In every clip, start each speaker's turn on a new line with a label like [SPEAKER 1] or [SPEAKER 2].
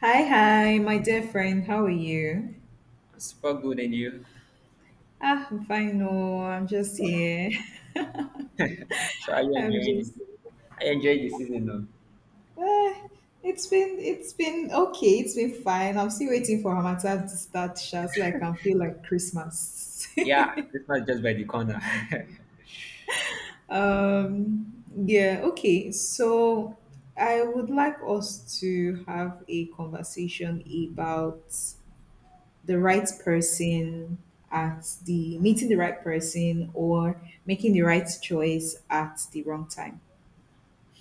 [SPEAKER 1] Hi, hi, my dear friend. How are you?
[SPEAKER 2] Super good, and you?
[SPEAKER 1] Ah, I'm fine. No, I'm just here.
[SPEAKER 2] So are you
[SPEAKER 1] I'm
[SPEAKER 2] enjoying
[SPEAKER 1] just.
[SPEAKER 2] it? I enjoy the season though.
[SPEAKER 1] eh, it's been okay. It's been fine. I'm still waiting for Hamata to start sha, so I can feel like Christmas.
[SPEAKER 2] Yeah, Christmas is just by the corner.
[SPEAKER 1] Yeah. Okay. So I would like us to have a conversation about the right person at the meeting the right person or making the right choice at the wrong time.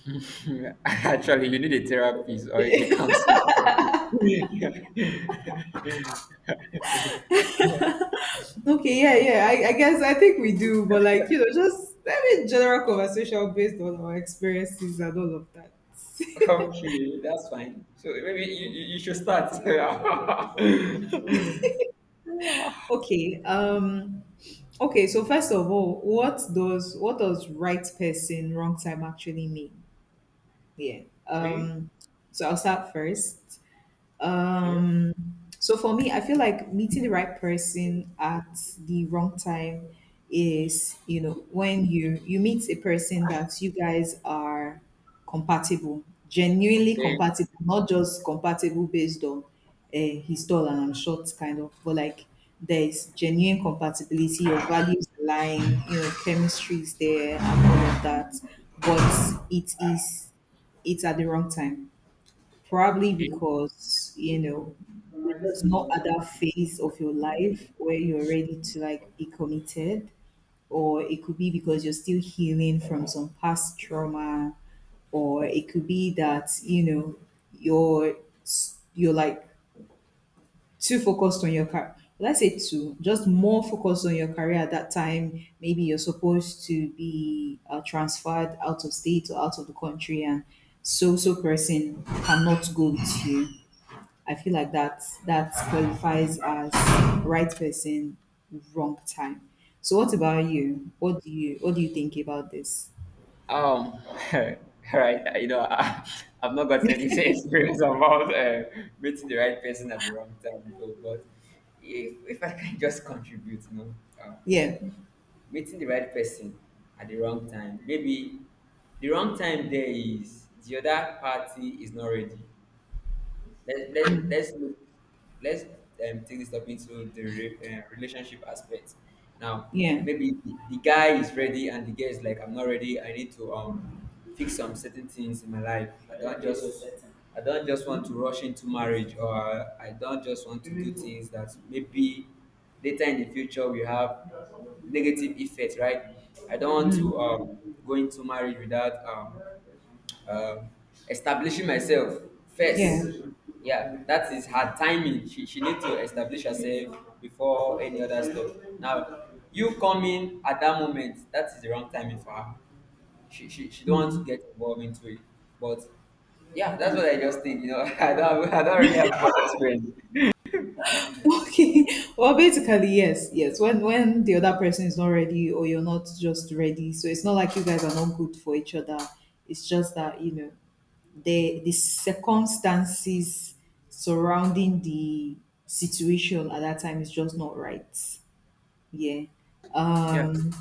[SPEAKER 2] Actually, you need a therapist or a
[SPEAKER 1] okay,
[SPEAKER 2] counselor for this.
[SPEAKER 1] yeah, yeah. I guess I think we do, but just having general conversation based on our experiences and all of that.
[SPEAKER 2] Okay, that's fine. So maybe you should start. Okay,
[SPEAKER 1] okay. Okay, so first of all, what does right person, wrong time actually mean? Yeah. Um so I'll start first.
[SPEAKER 2] okay,
[SPEAKER 1] Um So for me, I feel like meeting the right person at the wrong time is, you know, when you meet a person that you guys are compatible, genuinely
[SPEAKER 2] okay,
[SPEAKER 1] compatible, not just compatible based on he's tall and I'm short, kind of, but like there is genuine compatibility, your values align, you know, chemistry is there and all of that. But it's at the wrong time probably because you know you're just not at
[SPEAKER 2] okay.
[SPEAKER 1] that phase of your life where you're ready to like be committed, or it could be because you're still healing from some past trauma, or it could be that you know you're you're like too focused on your car, let's say two, just more focused on your career at that time. Maybe you're supposed to be transferred out of state or out of the country, and so person cannot go with you. I feel like that qualifies as right person, wrong time. So what about you? What do you think about this?
[SPEAKER 2] Um, right, you know, I've not gotten any experience about meeting the right person at the wrong time, though. But if I can just contribute, uh,
[SPEAKER 1] Yeah,
[SPEAKER 2] Meeting the right person at the wrong time, maybe the wrong time there is the other party is not ready let, let, let's look let's Take this up into the relationship aspect now.
[SPEAKER 1] yeah,
[SPEAKER 2] Maybe the guy is ready and the girl is like, I'm not ready, I need to fix some certain things in my life. I don't just want to rush into marriage, or I don't just want to do things that maybe later in the future we have negative effects, right? I don't want
[SPEAKER 1] mm,
[SPEAKER 2] to go into marriage without um, establishing myself
[SPEAKER 1] yeah.
[SPEAKER 2] first. Yeah, that is her timing. She need to establish herself before any other stuff. Now, you come in at that moment, that is the wrong timing for her. She don't want to
[SPEAKER 1] Mm.
[SPEAKER 2] get involved into it. But yeah, that's what I just think. You know, I don't really have much experience.
[SPEAKER 1] Okay. Well, basically, yes, yes. When the other person is not ready or you're not just ready, so it's not like you guys are not good for each other. It's just that you know the circumstances surrounding the situation at that time is just not right. Yeah.
[SPEAKER 2] Yeah.
[SPEAKER 1] Um,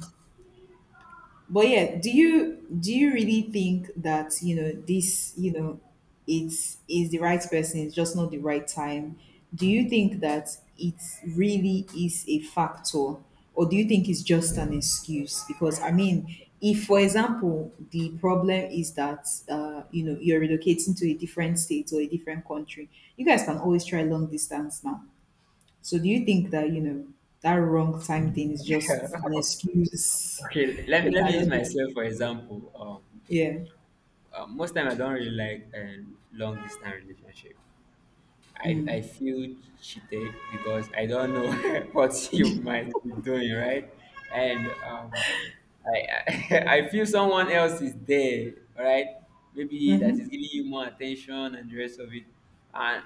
[SPEAKER 1] but yeah, do you really think that you know this you know it's is the right person, it's just not the right time? Do you think that it really is a factor, or do you think it's just an excuse? Because I mean, if for example the problem is that you know you're relocating to a different state or a different country, you guys can always try long distance now. So do you think that you know that wrong time thing is just an excuse?
[SPEAKER 2] Okay. Let
[SPEAKER 1] I
[SPEAKER 2] me use
[SPEAKER 1] don't know.
[SPEAKER 2] myself for example.
[SPEAKER 1] Yeah.
[SPEAKER 2] Most time I don't really like a long distance relationship. I feel cheated because I don't know what you might be doing, right? And I, I I feel someone else is there, right? Maybe that is
[SPEAKER 1] Mhm.
[SPEAKER 2] giving you more attention and the rest of it. And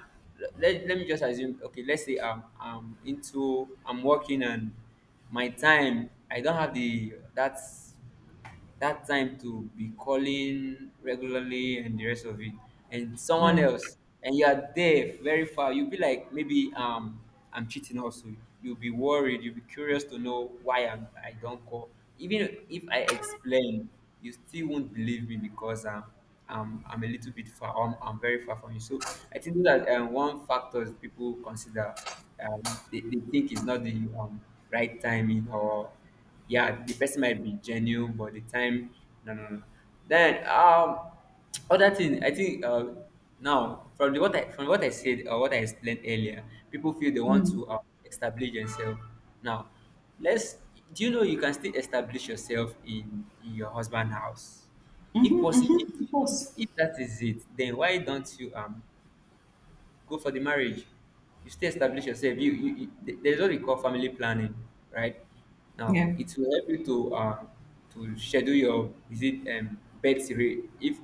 [SPEAKER 2] let me just assume, okay, let's say I'm into, I'm working and my time, I don't have that's that time to be calling regularly and the rest of it, and someone
[SPEAKER 1] Yeah.
[SPEAKER 2] else. And you are there very far, you'll be like, maybe I'm cheating also. You'll be worried, you'll be curious to know why I don't call. Even if I explain, you still won't believe me because I'm a little bit far. I'm very far from you. So I think that one factor is people consider, they think is not the um, right timing. Or yeah, the person might be genuine, but the time, no, no, no. Then other thing, I think now from the what I from what I said or what I explained earlier, people feel they want
[SPEAKER 1] Mm.
[SPEAKER 2] to establish themselves. Now, let's. Do you know you can still establish yourself in your husband house?
[SPEAKER 1] Mhm,
[SPEAKER 2] If possible,
[SPEAKER 1] mhm, of course.
[SPEAKER 2] if that is it, then why don't you go for the marriage? You still establish yourself. You there's what we call family planning, right? Now
[SPEAKER 1] Yeah.
[SPEAKER 2] it will help you to schedule your, is it birth rate? If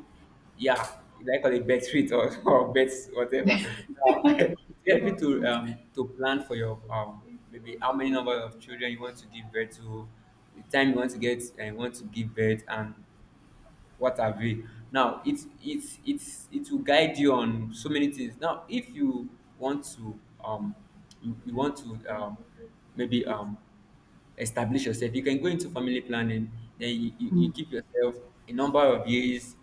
[SPEAKER 2] yeah, like call it birth rate, or birth whatever. Now, it will help you to plan for your maybe how many number of children you want to give birth to, the time you want to get and want to give birth, and what have we. Now it's it will guide you on so many things. Now if you want to you want to maybe establish yourself, you can go into family planning, then you keep yourself a number of years.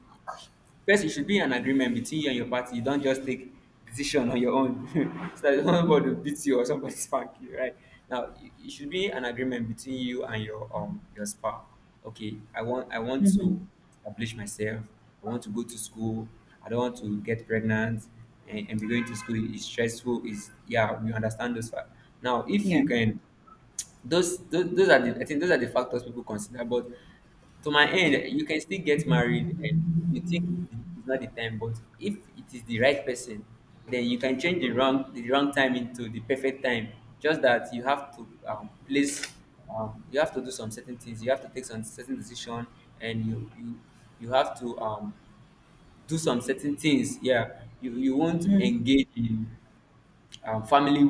[SPEAKER 2] First, it should be an agreement between you and your party. You don't just take decision on your own. So that somebody will beat you or somebody spank you, right? Now it should be an agreement between you and your spouse. Okay, I want
[SPEAKER 1] Mhm,
[SPEAKER 2] to establish myself. I want to go to school. I don't want to get pregnant and be going to school. It's stressful. It's, yeah, we understand those facts. Now if
[SPEAKER 1] yeah.
[SPEAKER 2] you can, those are the, I think those are the factors people consider. But to my end, you can still get married and you think it's not the time. But if it is the right person, then you can change the wrong time into the perfect time. Just that you have to you have to do some certain things. You have to take some certain decision, and you have to do some certain things. Yeah, you won't
[SPEAKER 1] Mm.
[SPEAKER 2] engage in family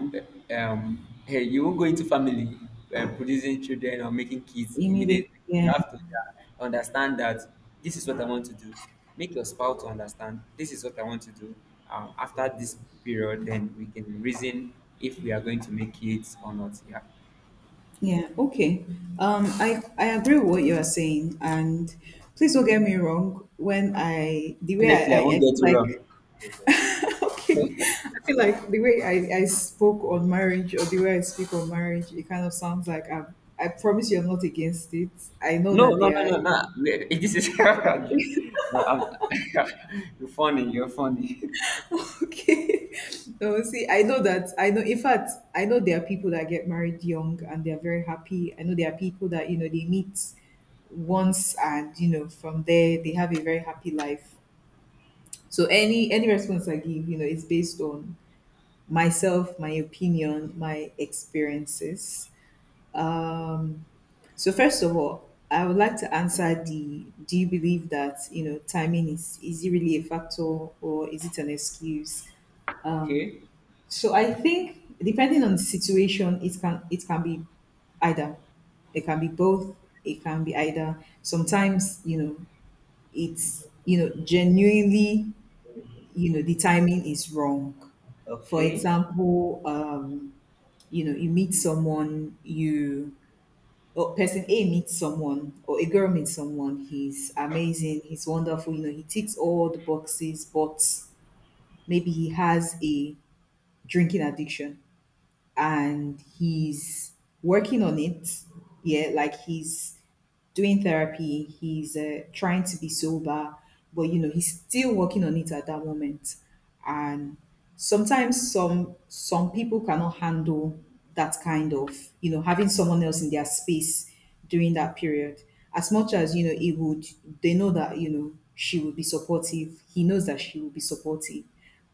[SPEAKER 2] hey you won't go into family, producing children or making kids
[SPEAKER 1] Immediate.
[SPEAKER 2] immediately.
[SPEAKER 1] Yeah.
[SPEAKER 2] You have to understand that this is what I want to do. Make your spouse understand this is what I want to do. After this period, then we can reason if we are going to make kids or not. Yeah,
[SPEAKER 1] Yeah. Okay. I agree with what you are saying, and please don't get me wrong. When I the way
[SPEAKER 2] definitely I won't
[SPEAKER 1] I feel
[SPEAKER 2] get you
[SPEAKER 1] like
[SPEAKER 2] wrong.
[SPEAKER 1] okay,
[SPEAKER 2] no
[SPEAKER 1] I feel like the way I spoke on marriage or the way I speak on marriage, it kind of sounds like I'm. I promise you're not against it. I know
[SPEAKER 2] no
[SPEAKER 1] that
[SPEAKER 2] no
[SPEAKER 1] there are
[SPEAKER 2] no no Wait, this is no, I'm, you're funny, you're funny.
[SPEAKER 1] Okay. No, see, I know that. I know, in fact, I know there are people that get married young and they're very happy. I know there are people that, you know, they meet once and, you know, from there they have a very happy life. So any response I give, you know, is based on myself, my opinion, my experiences. So first of all, I would like to answer the do you believe that, you know, timing is it really a factor or is it an excuse?
[SPEAKER 2] okay
[SPEAKER 1] So I think depending on the situation, it can be either. It can be both. It can be either. Sometimes, you know, it's you know, genuinely, you know, the timing is wrong. For
[SPEAKER 2] okay
[SPEAKER 1] example, you know, you meet someone, you or person A meets someone or a girl meets someone, he's amazing, he's wonderful, you know, he ticks all the boxes, but maybe he has a drinking addiction and he's working on it. Yeah, like he's doing therapy, he's trying to be sober, but you know, he's still working on it at that moment. And sometimes some people cannot handle that kind of, you know, having someone else in their space during that period. As much as, you know, it would they know that, you know, she will be supportive, he knows that she will be supportive,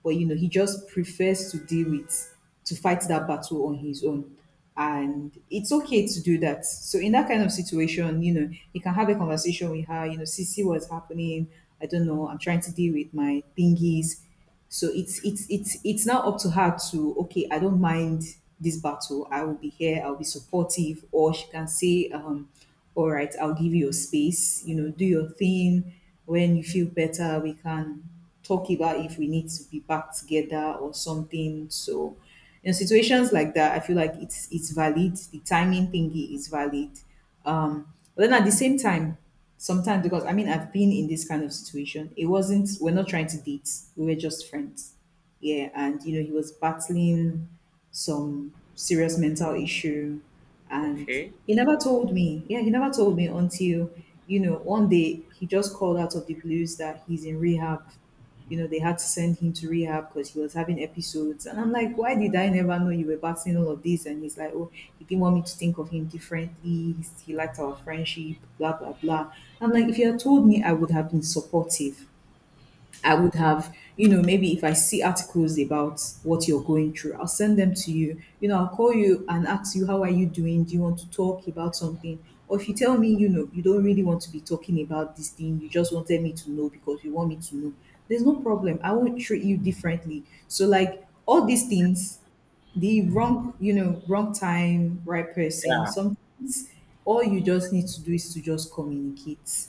[SPEAKER 1] but you know he just prefers to deal with to fight that battle on his own, and it's okay to do that. So in that kind of situation, you know, you can have a conversation with her, you know, see what's happening. I don't know, I'm trying to deal with my thingies. So it's now up to her to okay, I don't mind this battle, I will be here, I'll be supportive. Or she can say, all right, I'll give you your space, you know, do your thing. When you feel better, we can talk about if we need to be back together or something. So in situations like that, I feel like it's valid. The timing thingy is valid. But then at the same time, sometimes, because I mean I've been in this kind of situation. It wasn't we're not trying to date. We were just friends. Yeah, and you know he was battling some serious mental issue, and
[SPEAKER 2] okay
[SPEAKER 1] he never told me. Yeah, he never told me until, you know, one day he just called out of the blues that he's in rehab. You know, they had to send him to rehab because he was having episodes, and I'm like, why did I never know you were battling all of this? And he's like, oh, he didn't want me to think of him differently. He's- he liked our friendship, blah blah blah. I'm like, if you had told me I would have been supportive. I would have, you know, maybe if I see articles about what you're going through, I'll send them to you. You know, I'll call you and ask you, how are you doing? Do you want to talk about something? Or if you tell me, you know, you don't really want to be talking about this thing, you just wanted me to know because you want me to know, there's no problem. I won't treat you differently. So, like, all these things, the wrong, you know, wrong time, right person,
[SPEAKER 2] yeah.
[SPEAKER 1] sometimes all you just need to do is to just communicate,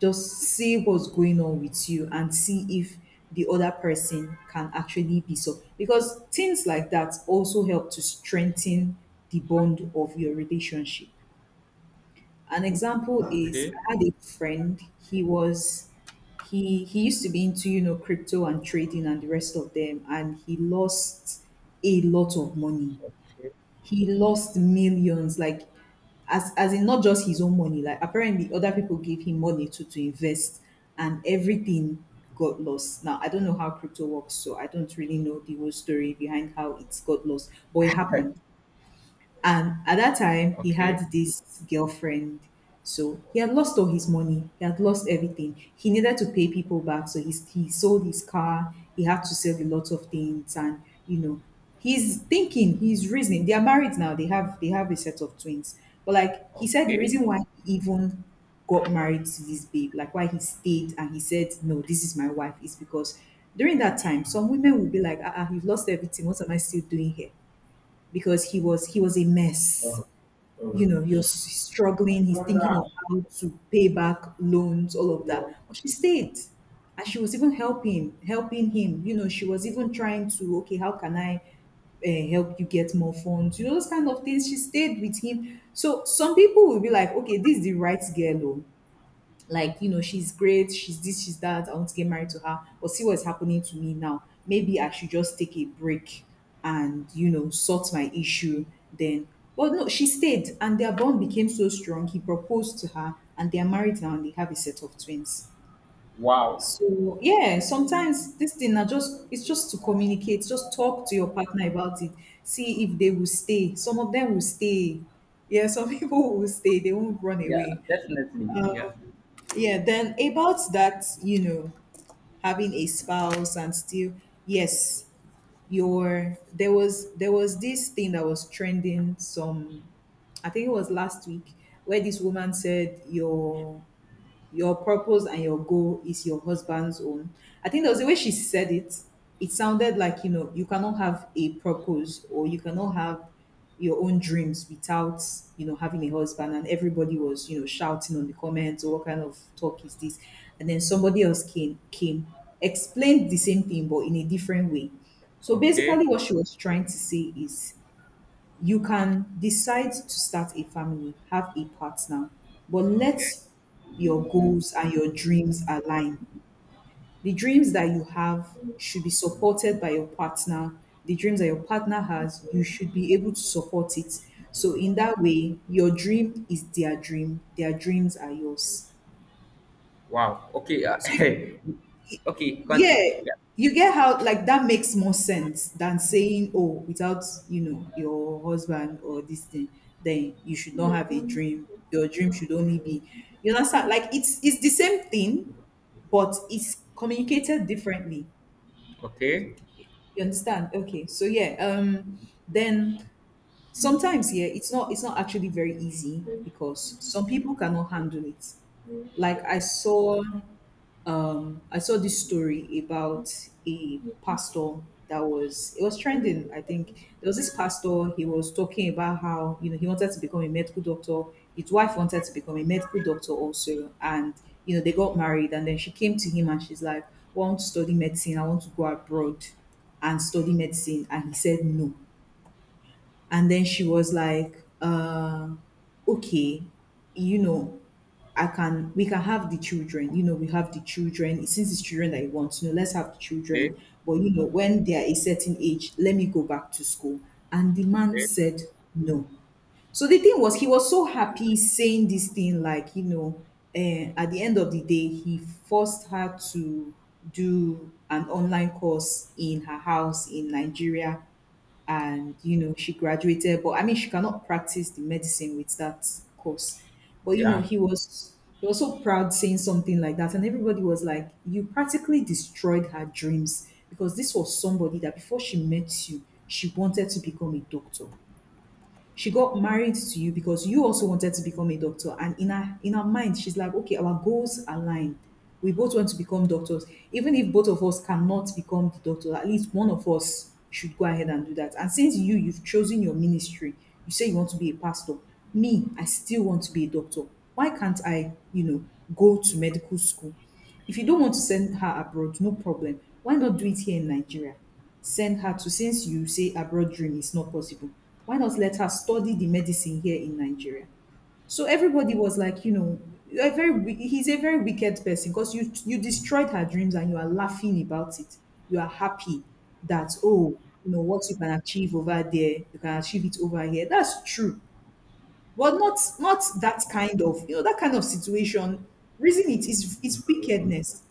[SPEAKER 1] just see what's going on with you and see if the other person can actually be so. Because things like that also help to strengthen the bond of your relationship. An example is
[SPEAKER 2] Okay,
[SPEAKER 1] I had a friend, he was he used to be into you know crypto and trading and the rest of them, and he lost a lot of money. He lost millions, like as in not just his own money, like apparently other people gave him money to invest, and everything got lost. Now I don't know how crypto works, so I don't really know the whole story behind how it's got lost, but it happened. And at that time, he
[SPEAKER 2] okay,
[SPEAKER 1] had this girlfriend. So he had lost all his money. He had lost everything. He needed to pay people back. So he sold his car. He had to sell a lot of things. And, you know, he's thinking, he's reasoning. They are married now. They have a set of twins. But like he said, the
[SPEAKER 2] okay.
[SPEAKER 1] reason why he even got married to this babe, like why he stayed, and he said, no, this is my wife, is because during that time, some women would be like, ah, ah, you've lost everything. What am I still doing here? Because he was a mess. You know, you're struggling. He's thinking of how to pay back loans, all of that. But she stayed, and she was even helping him. You know, she was even trying to okay, how can I help you get more funds? You know, those kind of things. She stayed with him. So some people will be like, okay, this is the right girl. Oh, like, you know, she's great, she's this, she's that, I want to get married to her. But see what's happening to me now, maybe I should just take a break and, you know, sort my issue then. But no, she stayed, and their bond became so strong. He proposed to her and they are married now, and they have a set of twins.
[SPEAKER 2] Wow.
[SPEAKER 1] So yeah, sometimes this thing are just it's just to communicate, just talk to your partner about it. See if they will stay. Some of them will stay. Yeah, some people will stay, they won't run
[SPEAKER 2] Yeah,
[SPEAKER 1] away.
[SPEAKER 2] definitely. Yeah.
[SPEAKER 1] Yeah, then about that, having a spouse and still, yes, your there was this thing that was trending. Some, I think it was last week, where this woman said your purpose and your goal is your husband's own. I think there was a way she said it. It sounded like, you know, you cannot have a purpose, or you cannot have your own dreams without, having a husband. And everybody was, shouting on the comments, or what kind of talk is this? And then somebody else came, explained the same thing, but in a different way. So
[SPEAKER 2] Okay,
[SPEAKER 1] basically what she was trying to say is you can decide to start a family, have a partner, but let
[SPEAKER 2] okay.
[SPEAKER 1] your goals and your dreams align. The dreams that you have should be supported by your partner. The dreams that your partner has, you should be able to support it. So, in that way, your dream is their dream, their dreams are yours.
[SPEAKER 2] Wow. Okay.
[SPEAKER 1] So if,
[SPEAKER 2] Okay. Continue.
[SPEAKER 1] yeah,
[SPEAKER 2] Yeah.
[SPEAKER 1] you get how, like, that makes more sense than saying, oh, without, you know, your husband or this thing, then you should not have a dream. Your dream should only be, you understand? Like, it's the same thing, but it's communicated differently.
[SPEAKER 2] Okay.
[SPEAKER 1] You understand? Okay. So yeah, then sometimes, yeah, it's not actually very easy because some people cannot handle it. Like I saw, I saw this story about a pastor that was, it was trending. I think there was this pastor. He was talking about how, you know, he wanted to become a medical doctor. His wife wanted to become a medical doctor also, and you know they got married. And then she came to him and she's like, "Oh, I want to study medicine. I want to go abroad and study medicine." And he said no. And then she was like, okay, you know, I can, we can have the children, you know, we have the children. Since it's children that you want, you know, let's have the children.
[SPEAKER 2] Okay.
[SPEAKER 1] But you know, when they are a certain age, let me go back to school. And the man
[SPEAKER 2] Okay.
[SPEAKER 1] said no. So the thing was, he was so happy saying this thing, like, you know, eh, at the end of the day, he forced her to do an online course in her house in Nigeria. And, you know, she graduated. But I mean, she cannot practice the medicine with that course. But, you know,
[SPEAKER 2] Yeah.
[SPEAKER 1] he was. He was so proud saying something like that, and everybody was like, "You practically destroyed her dreams, because this was somebody that before she met you, she wanted to become a doctor. She got married to you because you also wanted to become a doctor, and in her, in her mind she's like, okay, our goals aligned, we both want to become doctors. Even if both of us cannot become the doctor, at least one of us should go ahead and do that. And since you've chosen your ministry, you say you want to be a pastor, me, I still want to be a doctor, why can't I, you know, go to medical school? If you don't want to send her abroad, no problem, why not do it here in Nigeria? Send her to, since you say abroad dream is not possible, why not let her study the medicine here in Nigeria?" So everybody was like, you know, a he's a very wicked person, because you destroyed her dreams and you are laughing about it, you are happy that, oh, you know, what you can achieve over there you can achieve it over here, that's true. But not that kind of, you know, that kind of situation. Reason it is, it's wickedness.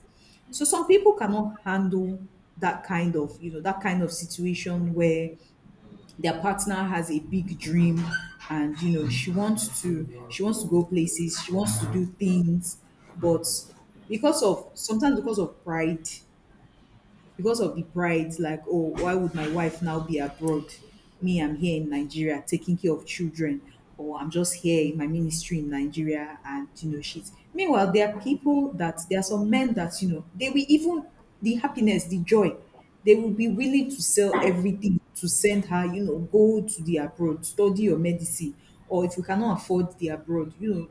[SPEAKER 1] So some people cannot handle that kind of, you know, that kind of situation where their partner has a big dream, and you know she wants to go places, she wants to do things, but because of, sometimes because of pride, because of the pride, like, oh, why would my wife now be abroad? Me, I'm here in Nigeria taking care of children, or I'm just here in my ministry in Nigeria and, you know, shit. Meanwhile, there are people that, there are some men that, you know, they will even, the happiness, the joy, they will be willing to sell everything to send her, you know, go to the abroad, study your medicine, or if you cannot afford the abroad, you know,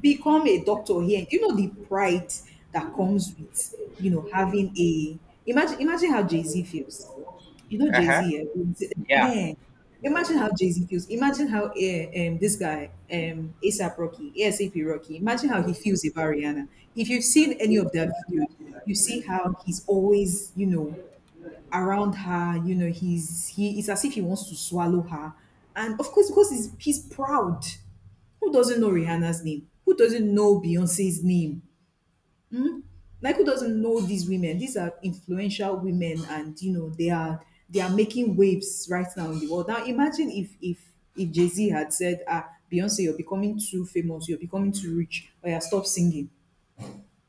[SPEAKER 1] become a doctor here. You know, the pride that comes with, you know, having a, imagine, how Jay-Z feels. You know
[SPEAKER 2] Uh huh.
[SPEAKER 1] Jay-Z, yeah. We say,
[SPEAKER 2] Yeah.
[SPEAKER 1] yeah. Imagine how Jay-Z feels. Imagine how, eh, this guy, ASAP Rocky, imagine how he feels about Rihanna. If you've seen any of their videos, you see how he's always, you know, around her. You know, he's he, it's as if he wants to swallow her, and of course, because he's proud. Who doesn't know Rihanna's name? Who doesn't know Beyonce's name? Like, who doesn't know these women? These are influential women, and you know they are, they are making waves right now in the world. Now, imagine if, if Jay-Z had said, ah, Beyonce, you're becoming too famous, you're becoming too rich, or yeah, stop singing.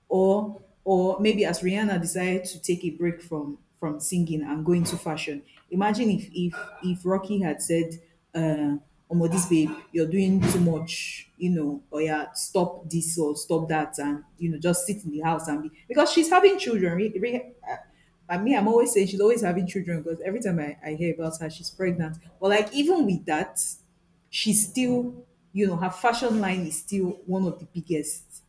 [SPEAKER 1] Or, maybe as Rihanna decided to take a break from, singing and go into fashion. Imagine if, if Rocky had said, uh omo, this babe, you're doing too much, you know, or yeah, stop this or stop that, and you know, just sit in the house and be, because she's having children. I mean, I'm always saying she's always having children, because every time I, hear about her, she's pregnant. But like, even with that, she's still, you know, her fashion line is still one of the biggest.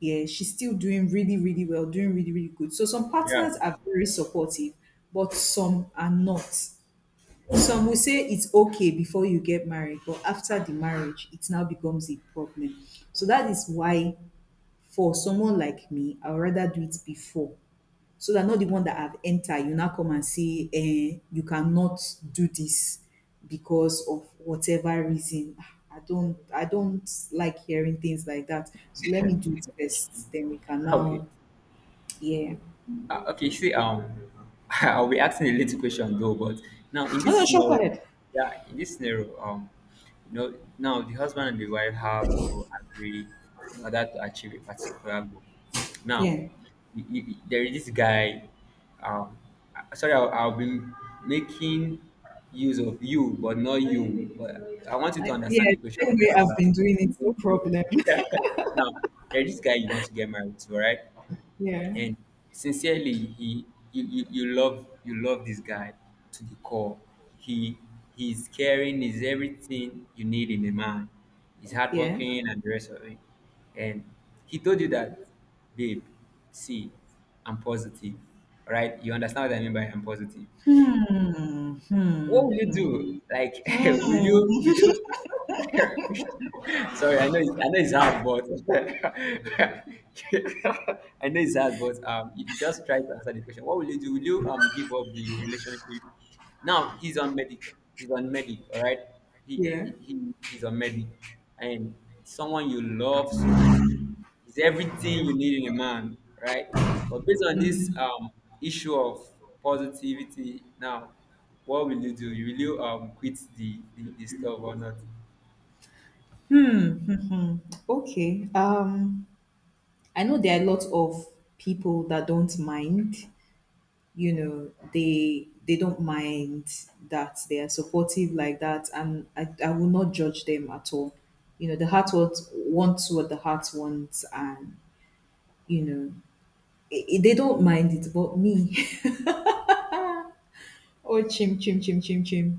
[SPEAKER 1] Yeah, she's still doing really, really well, doing really, really good. So some
[SPEAKER 2] Yeah.
[SPEAKER 1] partners are very supportive, but some are not. Some will say it's okay before you get married, but after the marriage, it now becomes a problem. So that is why, for someone like me, I would rather do it before, so that not the one that have entered you now come and say eh, you cannot do this because of whatever reason. Ah, I don't like hearing things like that, so let me do it first, then we can
[SPEAKER 2] Okay.
[SPEAKER 1] now, yeah.
[SPEAKER 2] Okay, see, I'll be asking a little question though, but now in
[SPEAKER 1] No, no,
[SPEAKER 2] this
[SPEAKER 1] sure, go
[SPEAKER 2] scenario,
[SPEAKER 1] ahead.
[SPEAKER 2] yeah, in this scenario, you know, now the husband and the wife have to agree in order to achieve a particular goal. Now,
[SPEAKER 1] Yeah.
[SPEAKER 2] there is this guy, um, I- sorry, I'll be making use of you, but not you. But I want you
[SPEAKER 1] I,
[SPEAKER 2] to
[SPEAKER 1] yeah,
[SPEAKER 2] understand the
[SPEAKER 1] the
[SPEAKER 2] question
[SPEAKER 1] same way
[SPEAKER 2] very
[SPEAKER 1] I've
[SPEAKER 2] well.
[SPEAKER 1] been doing it, no problem.
[SPEAKER 2] Now, there's this guy you want to get married to, right?
[SPEAKER 1] Yeah.
[SPEAKER 2] And sincerely, he you, you you love, you love this guy to the core. He he's caring, is everything you need in a man. He's
[SPEAKER 1] Yeah,
[SPEAKER 2] hardworking and the rest of it. And he told you that, babe, see, I'm positive. All right, you understand what I mean by, I'm positive? What will you do? Like, will you? Sorry, I know it's hard, but I know it's hard, but you just try to answer the question. What will you do? Will you give up the relationship? Now he's on medic. He's on medic. All right,
[SPEAKER 1] yeah,
[SPEAKER 2] he's on medic, and someone you love so much is everything you need in a man, right? But based on this issue of positivity now, what will you do? Will you quit the stuff or not?
[SPEAKER 1] okay, um, I know there are a lot of people that don't mind, you know, they don't mind, that they are supportive like that, and I will not judge them at all. You know, the heart what, wants what the heart wants, and you know, they don't mind it, but me, oh, chim chim chim chim chim,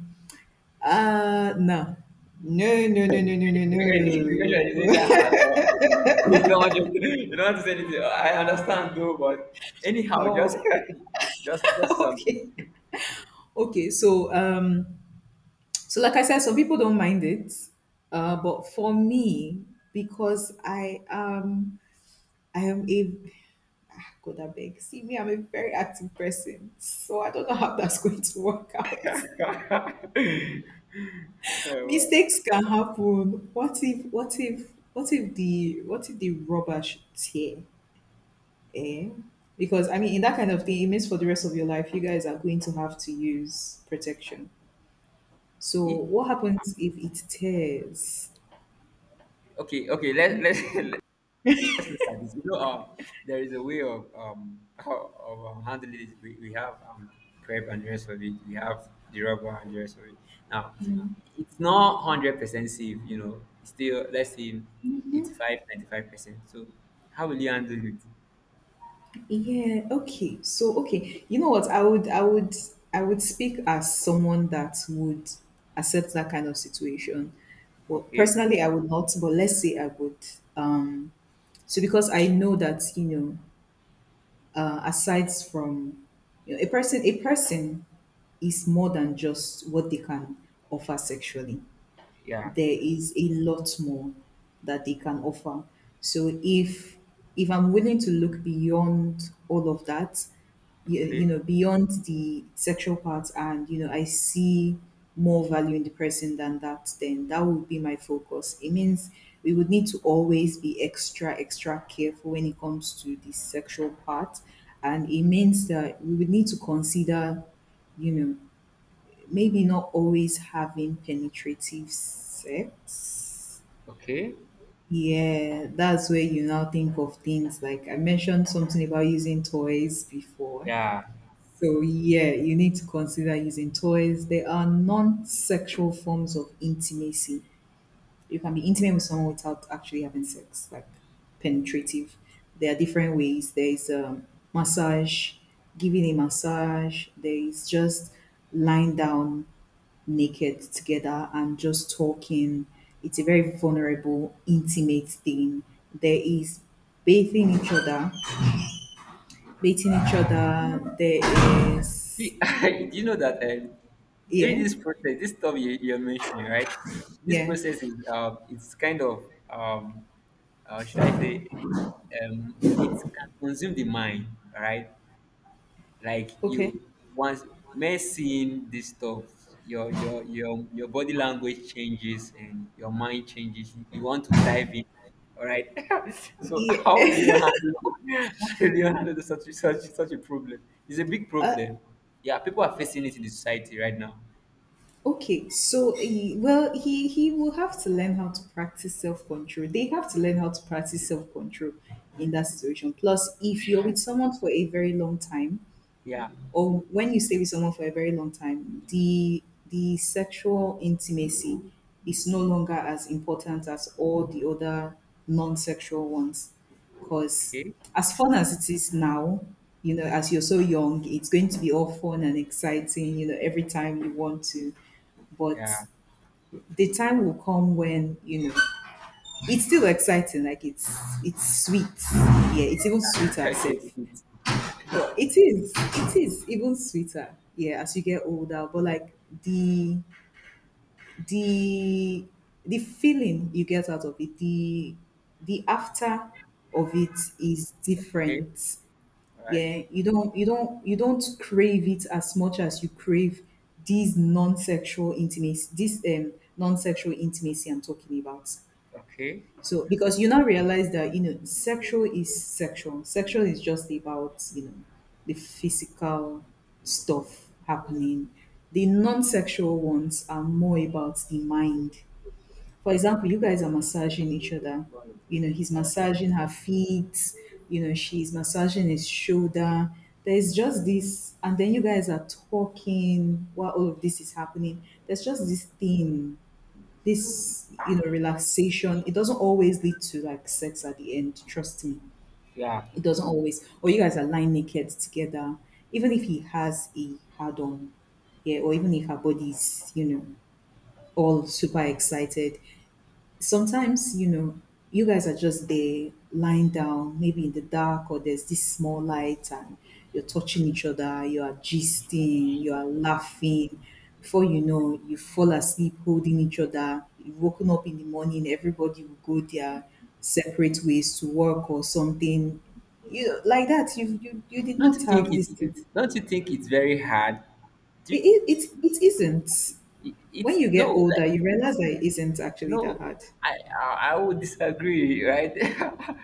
[SPEAKER 1] no, no, no, no, no,
[SPEAKER 2] Wait,
[SPEAKER 1] no, no,
[SPEAKER 2] the question, is it that
[SPEAKER 1] no.
[SPEAKER 2] hard? Or you don't want to, you don't want to say anything. I understand though, but anyhow, just
[SPEAKER 1] No.
[SPEAKER 2] just say something.
[SPEAKER 1] Okay. Okay, so um, so like I said, some people don't mind it, but for me, because I am, I am a ah, God, I beg. See me, I'm a very active person. So I don't know how that's going to work out.
[SPEAKER 2] Oh, well.
[SPEAKER 1] Mistakes can happen. What if, what if the rubber should tear? Eh? Because I mean, in that kind of thing, it means for the rest of your life you guys are going to have to use protection. So
[SPEAKER 2] E-
[SPEAKER 1] what happens if it tears?
[SPEAKER 2] okay, okay. Let let's look at this. You know, there is a way of of handling it. We have prep and the rest of it. We have the rubber and the rest of it. Now, it's not 100% safe. You know, still let's say eighty five, 95%. So, how will you handle it?
[SPEAKER 1] Yeah, okay. So, okay. You know what? I would speak as someone that would accept that kind of situation. Well,
[SPEAKER 2] Okay,
[SPEAKER 1] personally I would not, but let's say I would. Um, so because I know that, you know, uh, aside from, you know, a person is more than just what they can offer sexually.
[SPEAKER 2] yeah,
[SPEAKER 1] There is a lot more that they can offer. So if, I'm willing to look beyond all of that,
[SPEAKER 2] okay,
[SPEAKER 1] you know, beyond the sexual part, and you know, I see more value in the person than that, then that would be my focus. It means we would need to always be extra, extra careful when it comes to the sexual part. And it means that we would need to consider, you know, maybe not always having penetrative sex.
[SPEAKER 2] okay,
[SPEAKER 1] Yeah, that's where you now think of things, like I mentioned something about using toys before.
[SPEAKER 2] yeah.
[SPEAKER 1] So, yeah, you need to consider using toys. There are non sexual forms of intimacy, you can be intimate with someone without actually having sex, like penetrative. There are different ways. There's massage, giving a massage. There's just lying down naked together and just talking. It's a very vulnerable, intimate thing. There is bathing each other, There is,
[SPEAKER 2] See, do you know that
[SPEAKER 1] yeah,
[SPEAKER 2] during this process, this stuff you're mentioning, right? This
[SPEAKER 1] yeah,
[SPEAKER 2] process is it's kind of should I say, it can consume the mind, right? Like
[SPEAKER 1] okay,
[SPEAKER 2] you once mere seeing this stuff, your body language changes and your mind changes. You want to dive in, all right? So how will
[SPEAKER 1] yeah.
[SPEAKER 2] you handle how will you handle such a problem? It's a big problem. Yeah, people are facing it in the society right now.
[SPEAKER 1] Okay, he will have to learn how to practice self control. They have to learn how to practice self control in that situation. Plus, if you're with someone for a very long time,
[SPEAKER 2] Yeah.
[SPEAKER 1] or when you stay with someone for a very long time, the sexual intimacy is no longer as important as all the other non-sexual ones. Because
[SPEAKER 2] Okay.
[SPEAKER 1] as fun as it is now, you know, as you're so young, it's going to be all fun and exciting, you know, every time you want to. But
[SPEAKER 2] Yeah.
[SPEAKER 1] the time will come when, you know, it's still exciting, like it's sweet. Yeah, it's even sweeter
[SPEAKER 2] That's a
[SPEAKER 1] self. But it is even sweeter, yeah, as you get older. But like the the the feeling you get out of it, the after of it is
[SPEAKER 2] okay.
[SPEAKER 1] different.
[SPEAKER 2] All right.
[SPEAKER 1] Yeah, you don't crave it as much as you crave these non-sexual intimacy, this non-sexual intimacy I'm talking about.
[SPEAKER 2] Okay.
[SPEAKER 1] So because you now realize that you know sexual is sexual. Sexual is just about you know the physical stuff happening. The non-sexual ones are more about the mind. For example, you
[SPEAKER 2] Okay.
[SPEAKER 1] guys are massaging each other. You know, he's massaging her feet, you know, she's massaging his shoulder. There's just this, and then you guys are talking while all of this is happening. There's just this thing, this, you know, relaxation. It doesn't always lead to like sex at the end, trust me,
[SPEAKER 2] Yeah.
[SPEAKER 1] it doesn't always. Or you guys are lying naked together, even if he has a hard on, yeah, or even if her body's, you know, all super excited. Sometimes, you know, you guys are just there lying down, maybe in the dark, or there's this small light and you're touching each other, you are gisting, you are laughing. Before you know, you fall asleep holding each other. You've woken up in the morning, everybody will go their separate ways to work or something, you know, like that. You did
[SPEAKER 2] Don't
[SPEAKER 1] not
[SPEAKER 2] you think
[SPEAKER 1] have this thing.
[SPEAKER 2] it's, don't you think it's very hard?
[SPEAKER 1] it,
[SPEAKER 2] Do,
[SPEAKER 1] it, it, it isn't. When
[SPEAKER 2] it's
[SPEAKER 1] you get
[SPEAKER 2] no
[SPEAKER 1] older
[SPEAKER 2] like
[SPEAKER 1] you
[SPEAKER 2] it,
[SPEAKER 1] realize that it isn't actually that
[SPEAKER 2] no.
[SPEAKER 1] hard.
[SPEAKER 2] I, I I would disagree, right?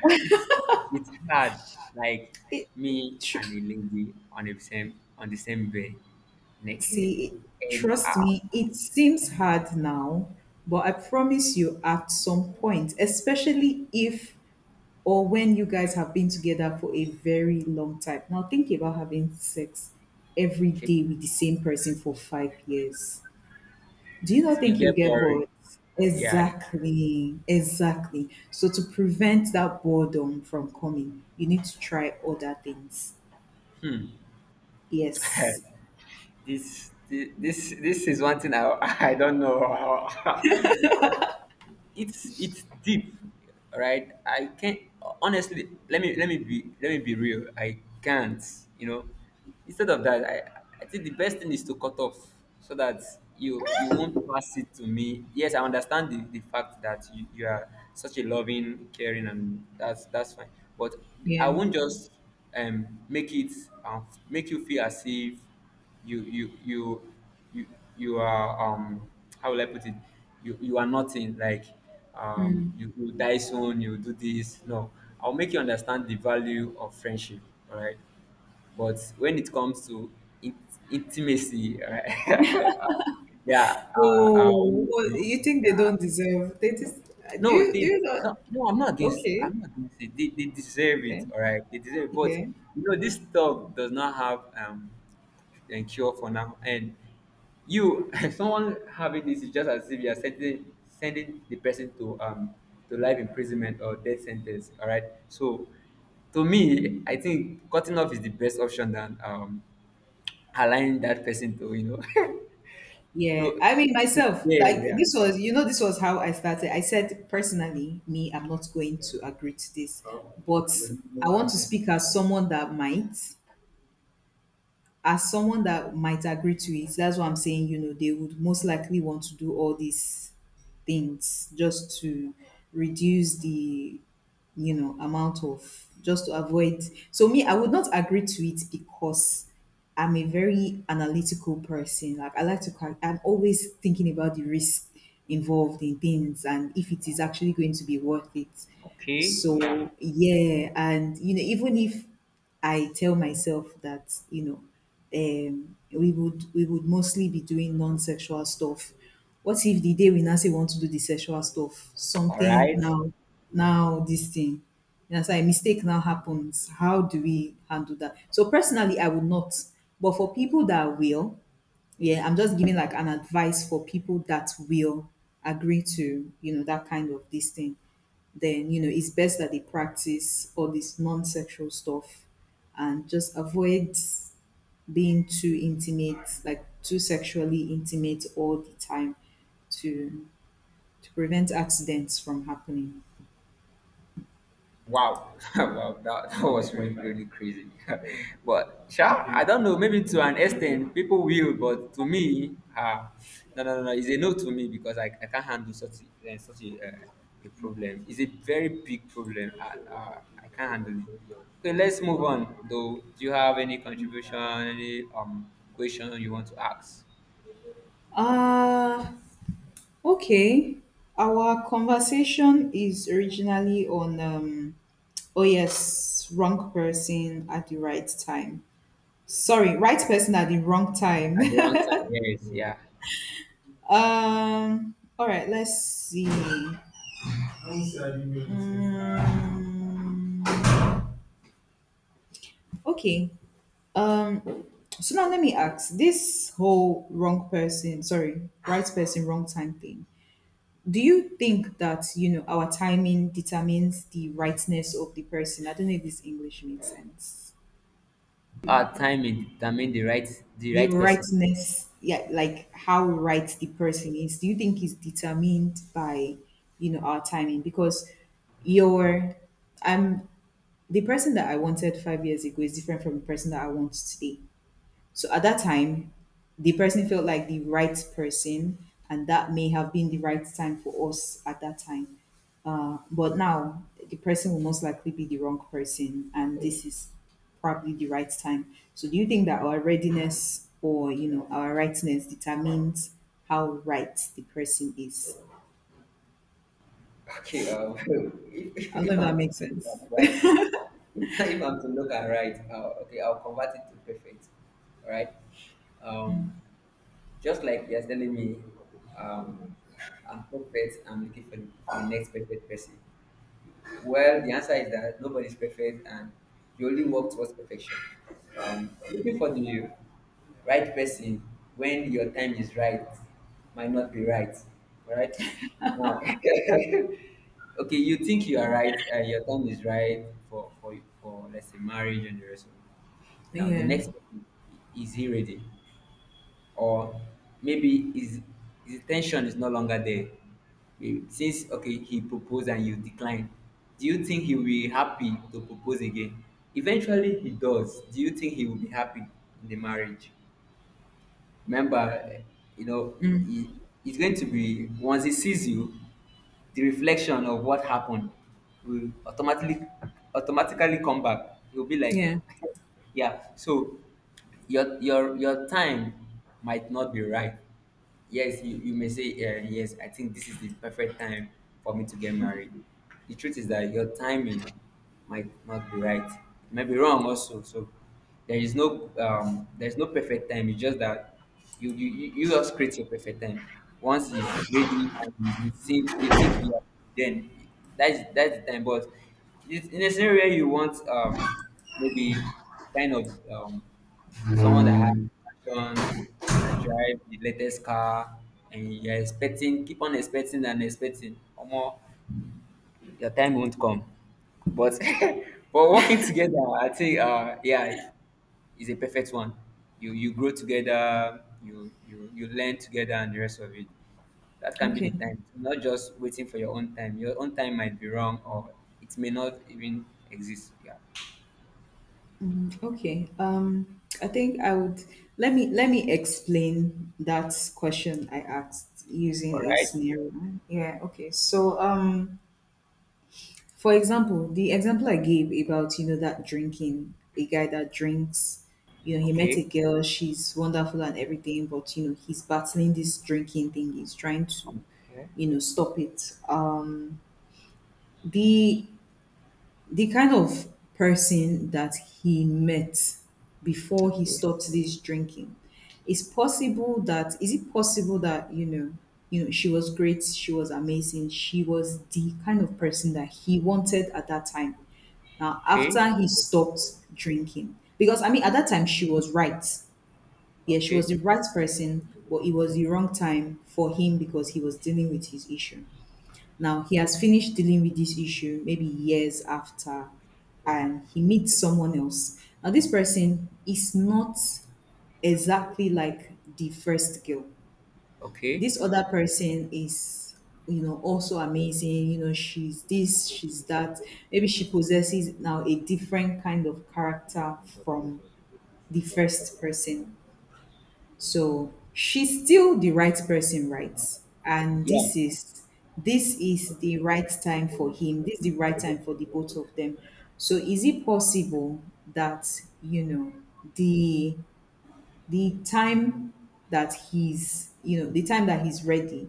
[SPEAKER 2] it's it's hard. Like,
[SPEAKER 1] it,
[SPEAKER 2] me
[SPEAKER 1] tr-
[SPEAKER 2] and a lady on the same bed, naked,
[SPEAKER 1] See,
[SPEAKER 2] and
[SPEAKER 1] trust me, it seems hard now, but I promise you at some point, especially if or when you guys have been together for a very long time. Now think about having sex every
[SPEAKER 2] okay,
[SPEAKER 1] day with the same person for five years. Do you not
[SPEAKER 2] it's, you
[SPEAKER 1] think you
[SPEAKER 2] get
[SPEAKER 1] get
[SPEAKER 2] boring.
[SPEAKER 1] bored?
[SPEAKER 2] Yeah.
[SPEAKER 1] Exactly, exactly. So to prevent that boredom from coming, you need to try other things.
[SPEAKER 2] Hmm.
[SPEAKER 1] Yes.
[SPEAKER 2] This is one thing I I don't know how. It's deep, right? I can't. Honestly, let me be real, I can't. you know Instead of that, I think the best thing is to cut off, so that you won't pass it to me. Yes, I understand the fact that you are such a loving caring, and that's fine. But I
[SPEAKER 1] Yeah.
[SPEAKER 2] won't just make it, make you feel as if you you you you, you are how will I put it, you are nothing like. You die soon, you do this. No, I'll make you understand the value of friendship, all right? But when it comes to int- intimacy, right? Yeah, I
[SPEAKER 1] Oh,
[SPEAKER 2] want
[SPEAKER 1] what,
[SPEAKER 2] to,
[SPEAKER 1] you think
[SPEAKER 2] yeah.
[SPEAKER 1] they don't deserve? They just do.
[SPEAKER 2] No,
[SPEAKER 1] You, do you not?
[SPEAKER 2] no, no,
[SPEAKER 1] Okay,
[SPEAKER 2] I'm not against it. They deserve it,
[SPEAKER 1] okay,
[SPEAKER 2] all right? They deserve it. But,
[SPEAKER 1] yeah,
[SPEAKER 2] this stuff does not have, a cure for now. And someone having this is just as if you are sending the person to life imprisonment or death sentence, all right? So, to me, I think cutting off is the best option than allowing that person to,
[SPEAKER 1] yeah.
[SPEAKER 2] to,
[SPEAKER 1] I mean,
[SPEAKER 2] to
[SPEAKER 1] myself, like
[SPEAKER 2] yeah,
[SPEAKER 1] this was, you know, this was how I started. I said personally, me, I'm not going to agree to this, but
[SPEAKER 2] yeah.
[SPEAKER 1] I want to speak as someone that might. As someone that might agree to it, that's what I'm saying, you know, they would most likely want to do all these things just to reduce the, you know, amount of, just to avoid. So, me, I would not agree to it because I'm a very analytical person. Like, I like to, I'm always thinking about the risk involved in things and if it is actually going to be worth it.
[SPEAKER 2] Okay, yeah.
[SPEAKER 1] So yeah, and you know, even if I tell myself that you know, we would mostly be doing non-sexual stuff. What if the day we now say we want to do the sexual stuff,
[SPEAKER 2] All
[SPEAKER 1] something
[SPEAKER 2] right.
[SPEAKER 1] now now this thing, you know, so a mistake now happens. How do we handle that? So personally, I would not, but for people that will, yeah, I'm just giving like an advice for people that will agree to, you know, that kind of this thing. Then you know it's best that they practice all this non-sexual stuff and just avoid being too intimate, like too sexually intimate all the time, to to prevent accidents from happening.
[SPEAKER 2] Wow, wow, that was really, really crazy. But sure, I don't know. Maybe to an extent, people will, but to me, no, no, no, no. It's a no to me, because I can't handle a, uh, such a, uh, a problem. It's a very big problem. I can't handle it. Okay, let's move on. Though, do you have any contribution, any question you want to ask?
[SPEAKER 1] uh okay, our conversation is originally on oh yes, wrong person at the right time. Sorry, right person at the wrong time.
[SPEAKER 2] At the wrong time, yes, yeah.
[SPEAKER 1] All right. Let's see. Um, okay. Um. So now let me ask this whole wrong person. Sorry, right person, wrong time thing. Do you think that you know our timing determines the rightness of the person? I don't know if this English makes sense.
[SPEAKER 2] Our timing determine the
[SPEAKER 1] The
[SPEAKER 2] right person.
[SPEAKER 1] rightness, yeah, like how right the person is, do you think is determined by, you know, our timing? Because your, I'm the person that I wanted five years ago is different from the person that I want today. So at that time, the person felt like the right person, and that may have been the right time for us at that time. But now, the person will most likely be the wrong person, and this is probably the right time. So, do you think that our readiness or you know our rightness determines how right the person is?
[SPEAKER 2] Okay,
[SPEAKER 1] I don't know if
[SPEAKER 2] if
[SPEAKER 1] that
[SPEAKER 2] I'm to
[SPEAKER 1] makes
[SPEAKER 2] look
[SPEAKER 1] sense.
[SPEAKER 2] at right, if I'm to look at right, okay, I'll convert it to perfect. All right. Um, just like you're telling me, um, I'm perfect. I'm looking for for the next perfect person. Well, the answer is that nobody's perfect, and you only work towards perfection. Looking for the right person when your time is right might not be right, right? Now, okay, you think you are right, your time is right let's say, marriage and the rest of it. Now, the
[SPEAKER 1] Yeah,
[SPEAKER 2] next person, is he ready? Or maybe his intention is no longer there. Maybe since, okay, he proposed and you declined, do you think he will be happy to propose again? Eventually he does, do you think he will be happy in the marriage? Remember, you know, it's going to be, once he sees you, the reflection of what happened will automatically come back. You'll be like,
[SPEAKER 1] yeah.
[SPEAKER 2] yeah. So your time might not be right. Yes, you may say, yes, I think this is the perfect time for me to get married. The truth is that your timing might not be right. It might be wrong also. So there's no perfect time. It's just that you just create your perfect time. Once he's ready and you think he has, then that's the time. But in a scenario where you want, maybe a kind of, someone that has a passion, that drive the latest car, and you're expecting, keep on expecting and expecting. Omo, your time won't come. But but working together, I think, yeah, is a perfect one. You grow together, you learn together, and the rest of it. That can be
[SPEAKER 1] Okay.
[SPEAKER 2] the time. Not just waiting for your own time. Your own time might be wrong, or it may not even exist. Yeah.
[SPEAKER 1] Mm, okay. I think I would, let me explain that question I asked using
[SPEAKER 2] All
[SPEAKER 1] a
[SPEAKER 2] right.
[SPEAKER 1] scenario, right? Yeah, okay. So for example, the example I gave about, you know, that drinking, a guy that drinks, you know, he met a
[SPEAKER 2] Okay.
[SPEAKER 1] girl, she's wonderful and everything, but you know, he's battling this drinking thing, he's trying to,
[SPEAKER 2] Okay.
[SPEAKER 1] you know, stop it. The the kind of person that he met before he
[SPEAKER 2] Okay.
[SPEAKER 1] stopped this drinking, it's possible that you know, she was great, she was amazing, she was the kind of person that he wanted at that time. Now
[SPEAKER 2] Okay.
[SPEAKER 1] after he stopped drinking, because I mean at that time she was right, yeah, she was
[SPEAKER 2] Okay.
[SPEAKER 1] the right person, but it was the wrong time for him because he was dealing with his issue. Now he has finished dealing with this issue maybe years after, and he meets someone else. Now, this person is not exactly like the first girl.
[SPEAKER 2] Okay.
[SPEAKER 1] This other person is, you know, also amazing. You know, she's this, she's that. Maybe she possesses now a different kind of character from the first person. So she's still the right person, right? And
[SPEAKER 2] Yeah.
[SPEAKER 1] this is the right time for him. This is the right time for the both of them. So is it possible that, you know, the the time that he's you know the time that he's ready,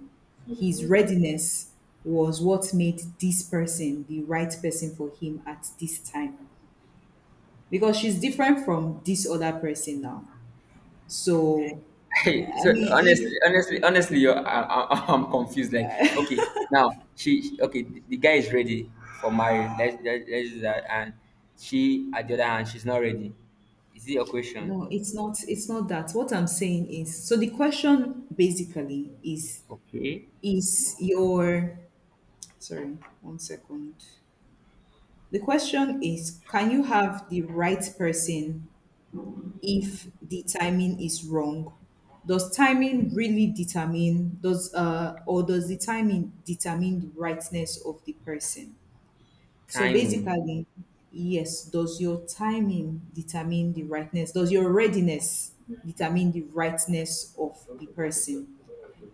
[SPEAKER 1] his readiness was what made this person the right person for him at this time because she's different from this other person now. So I
[SPEAKER 2] So honestly,
[SPEAKER 1] mean,
[SPEAKER 2] honestly, honestly, I'm confused. Like, okay, now okay, the guy is ready for marriage. Let's do that. And she, at the other hand, she's not ready. Is it a question?
[SPEAKER 1] no, it's not that. What I'm saying is, so the question basically is your, sorry, one second. The question is, can you have the right person if the timing is wrong? Does timing really determine, does or does the timing determine the rightness of the person? So
[SPEAKER 2] Timing.
[SPEAKER 1] basically, yes, does your timing determine the rightness? Does your readiness determine the rightness of the person?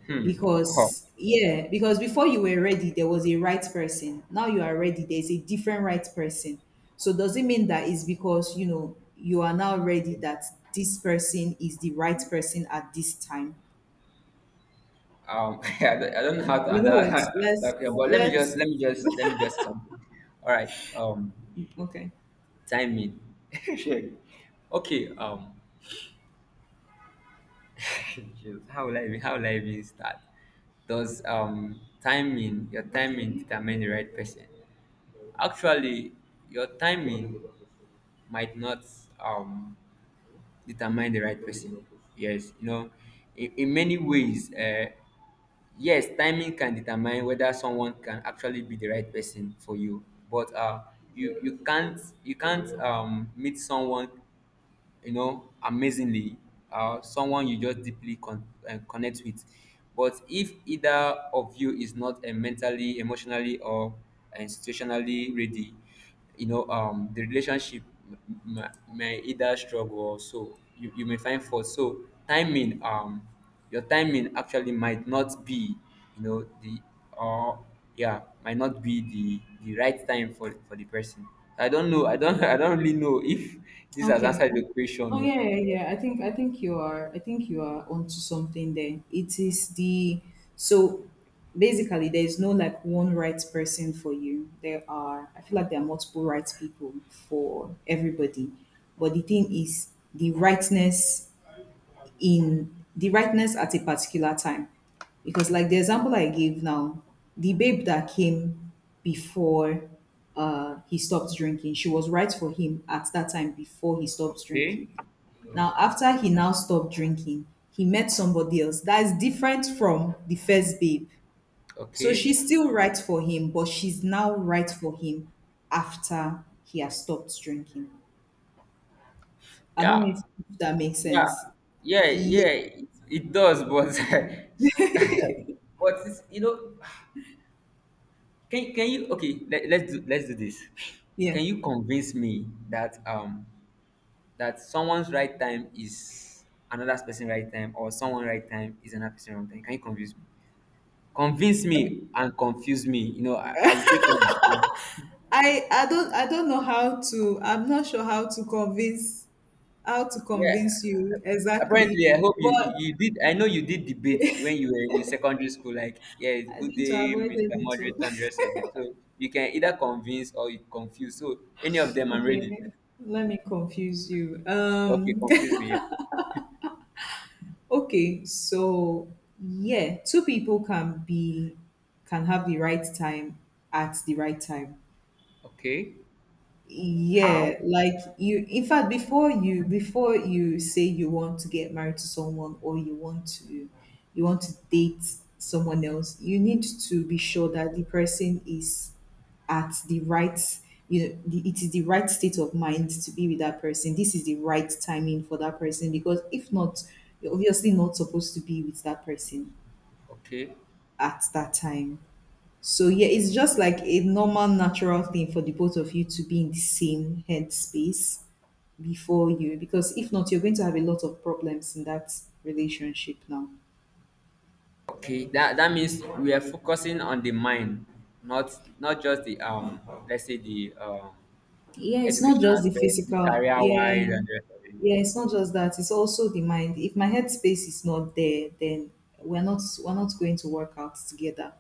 [SPEAKER 2] Hmm. Huh.
[SPEAKER 1] Because, yeah, because before you were ready, there was a right person. Now you are ready, there's a different right person. So does it mean that it's because, you know, you are now ready that this person is the right person at this time?
[SPEAKER 2] I don't know how to
[SPEAKER 1] You
[SPEAKER 2] answer
[SPEAKER 1] know what?
[SPEAKER 2] that, that, but
[SPEAKER 1] Let's,
[SPEAKER 2] let me just. All right.
[SPEAKER 1] okay.
[SPEAKER 2] Timing. Okay. How will I even start? Does timing your timing determine the right person? Actually, your timing might not um determine the right person. Yes, in many ways, yes, timing can determine whether someone can actually be the right person for you. But, you can't meet someone, amazingly, someone you just deeply connect with, but if either of you is not, mentally emotionally, or, institutionally ready, the relationship may either struggle, or so you may find fault. So timing, your timing actually might not be, the, or, yeah, might not be the right time for the person. I don't I don't really know if this has
[SPEAKER 1] Okay.
[SPEAKER 2] answered the
[SPEAKER 1] Oh
[SPEAKER 2] question. No.
[SPEAKER 1] yeah, yeah, yeah. I think you are, I think you are onto something there. It is the, so basically there is no like one right person for you. There are, I feel like there are multiple right people for everybody. But the thing is the rightness, in the rightness at a particular time. Because, like the example I gave now, the babe that came before, he stopped drinking, she was right for him at that time before he stopped
[SPEAKER 2] Okay.
[SPEAKER 1] drinking. Now, after he now stopped drinking, he met somebody else that is different from the first babe. So
[SPEAKER 2] Okay.
[SPEAKER 1] she's still right for him, but she's now right for him after he has stopped drinking. I don't know
[SPEAKER 2] Yeah,
[SPEAKER 1] if that makes
[SPEAKER 2] yeah,
[SPEAKER 1] sense.
[SPEAKER 2] yeah, yeah,
[SPEAKER 1] Yeah.
[SPEAKER 2] it does, but but it's, you know, can you, okay, let's do this.
[SPEAKER 1] Yeah.
[SPEAKER 2] Can you convince me that, that someone's right time is another person's right time, or someone right time is another person wrong time? Can you convince me? Convince me and confuse me. I will take one. Yeah.
[SPEAKER 1] I don't, I don't know how to I'm not sure how to
[SPEAKER 2] Yeah.
[SPEAKER 1] convince you
[SPEAKER 2] Apparently,
[SPEAKER 1] exactly,
[SPEAKER 2] I hope you,
[SPEAKER 1] but
[SPEAKER 2] you you did. I know you did debate when you were in secondary school. Like, yeah, it's
[SPEAKER 1] I
[SPEAKER 2] good
[SPEAKER 1] think to
[SPEAKER 2] day,
[SPEAKER 1] avoid
[SPEAKER 2] Mr.
[SPEAKER 1] it to
[SPEAKER 2] Moderator, and the rest of it. So you can either convince or you confuse. So any of them, I'm ready.
[SPEAKER 1] okay, let me confuse you.
[SPEAKER 2] Okay, confuse me. Yeah.
[SPEAKER 1] Okay, so yeah, two people can be can have the right time at the right time.
[SPEAKER 2] Okay.
[SPEAKER 1] Yeah,
[SPEAKER 2] How?
[SPEAKER 1] like you, in fact, before you say you want to get married to someone or you want to date someone else, you need to be sure that the person is at the right, you know, the, it is the right state of mind to be with that person. This is the right timing for that person because if not, you're obviously not supposed to be with that person
[SPEAKER 2] Okay.
[SPEAKER 1] at that time. So yeah, it's just like a normal, natural thing for the both of you to be in the same headspace before you, because if not, you're going to have a lot of problems in that relationship now.
[SPEAKER 2] Okay. That means we are focusing on the mind, not just the, Let's say the,
[SPEAKER 1] Yeah, it's not
[SPEAKER 2] educational
[SPEAKER 1] just the
[SPEAKER 2] aspect, the
[SPEAKER 1] physical.
[SPEAKER 2] career
[SPEAKER 1] Yeah,
[SPEAKER 2] wise, and the rest of it.
[SPEAKER 1] yeah, it's not just that. It's also the mind. If my headspace is not there, then we're not going to work out together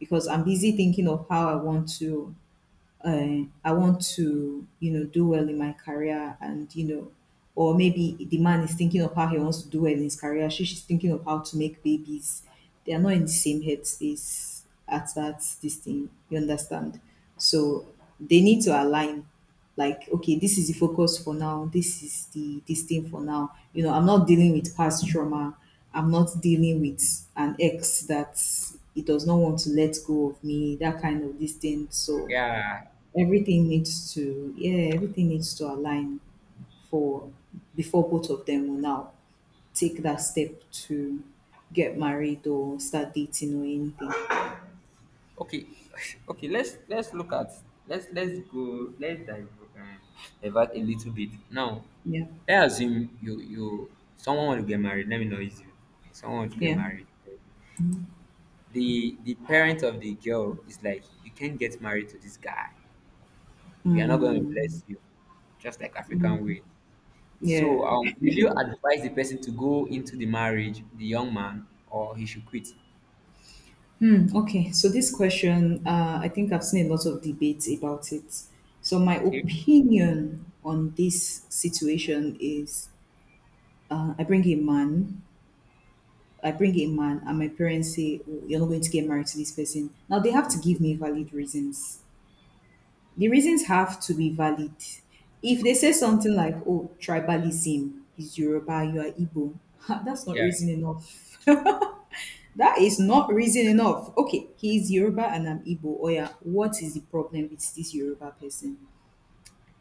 [SPEAKER 1] because I'm busy thinking of how I want to, you know, do well in my career and, you know, or maybe the man is thinking of how he wants to do well in his career. She's thinking of how to make babies. They are not in the same headspace at that, this thing. You understand? So they need to align. Like, okay, this is the focus for now. This is the, this thing for now. You know, I'm not dealing with past trauma. I'm not dealing with an ex that it does not want to let go of me, that kind of this thing. So
[SPEAKER 2] Yeah.
[SPEAKER 1] everything needs to, yeah, everything needs to align for before both of them will now take that step to get married or start dating or anything.
[SPEAKER 2] Okay. Okay. Let's look at, let's dive, um divert a little bit. Now,
[SPEAKER 1] Yeah.
[SPEAKER 2] let's assume you you someone want to get married. Let me know is you. Someone want to get
[SPEAKER 1] Yeah.
[SPEAKER 2] married. The parent of the girl is like, you can't get married to this guy. We are not going to
[SPEAKER 1] Mm,
[SPEAKER 2] bless you, just like African
[SPEAKER 1] mm,
[SPEAKER 2] way.
[SPEAKER 1] yeah.
[SPEAKER 2] So, will you advise the person to go into the marriage, the young man, or he should quit?
[SPEAKER 1] Hmm. Okay. So this question, I think I've seen a lot of debates about it. So my
[SPEAKER 2] Okay.
[SPEAKER 1] opinion on this situation is, uh, I bring a man I bring a man and my parents say, "Oh, you're not going to get married to this person." Now they have to give
[SPEAKER 2] Okay.
[SPEAKER 1] me valid reasons. The reasons have to be valid. If they say
[SPEAKER 2] Okay.
[SPEAKER 1] something like, oh, tribalism, he's Yoruba, you are Igbo, that's not
[SPEAKER 2] Yeah.
[SPEAKER 1] reason enough. That is not reason enough. Okay, he is Yoruba and I'm Igbo. Oh yeah, what is the problem with this Yoruba person?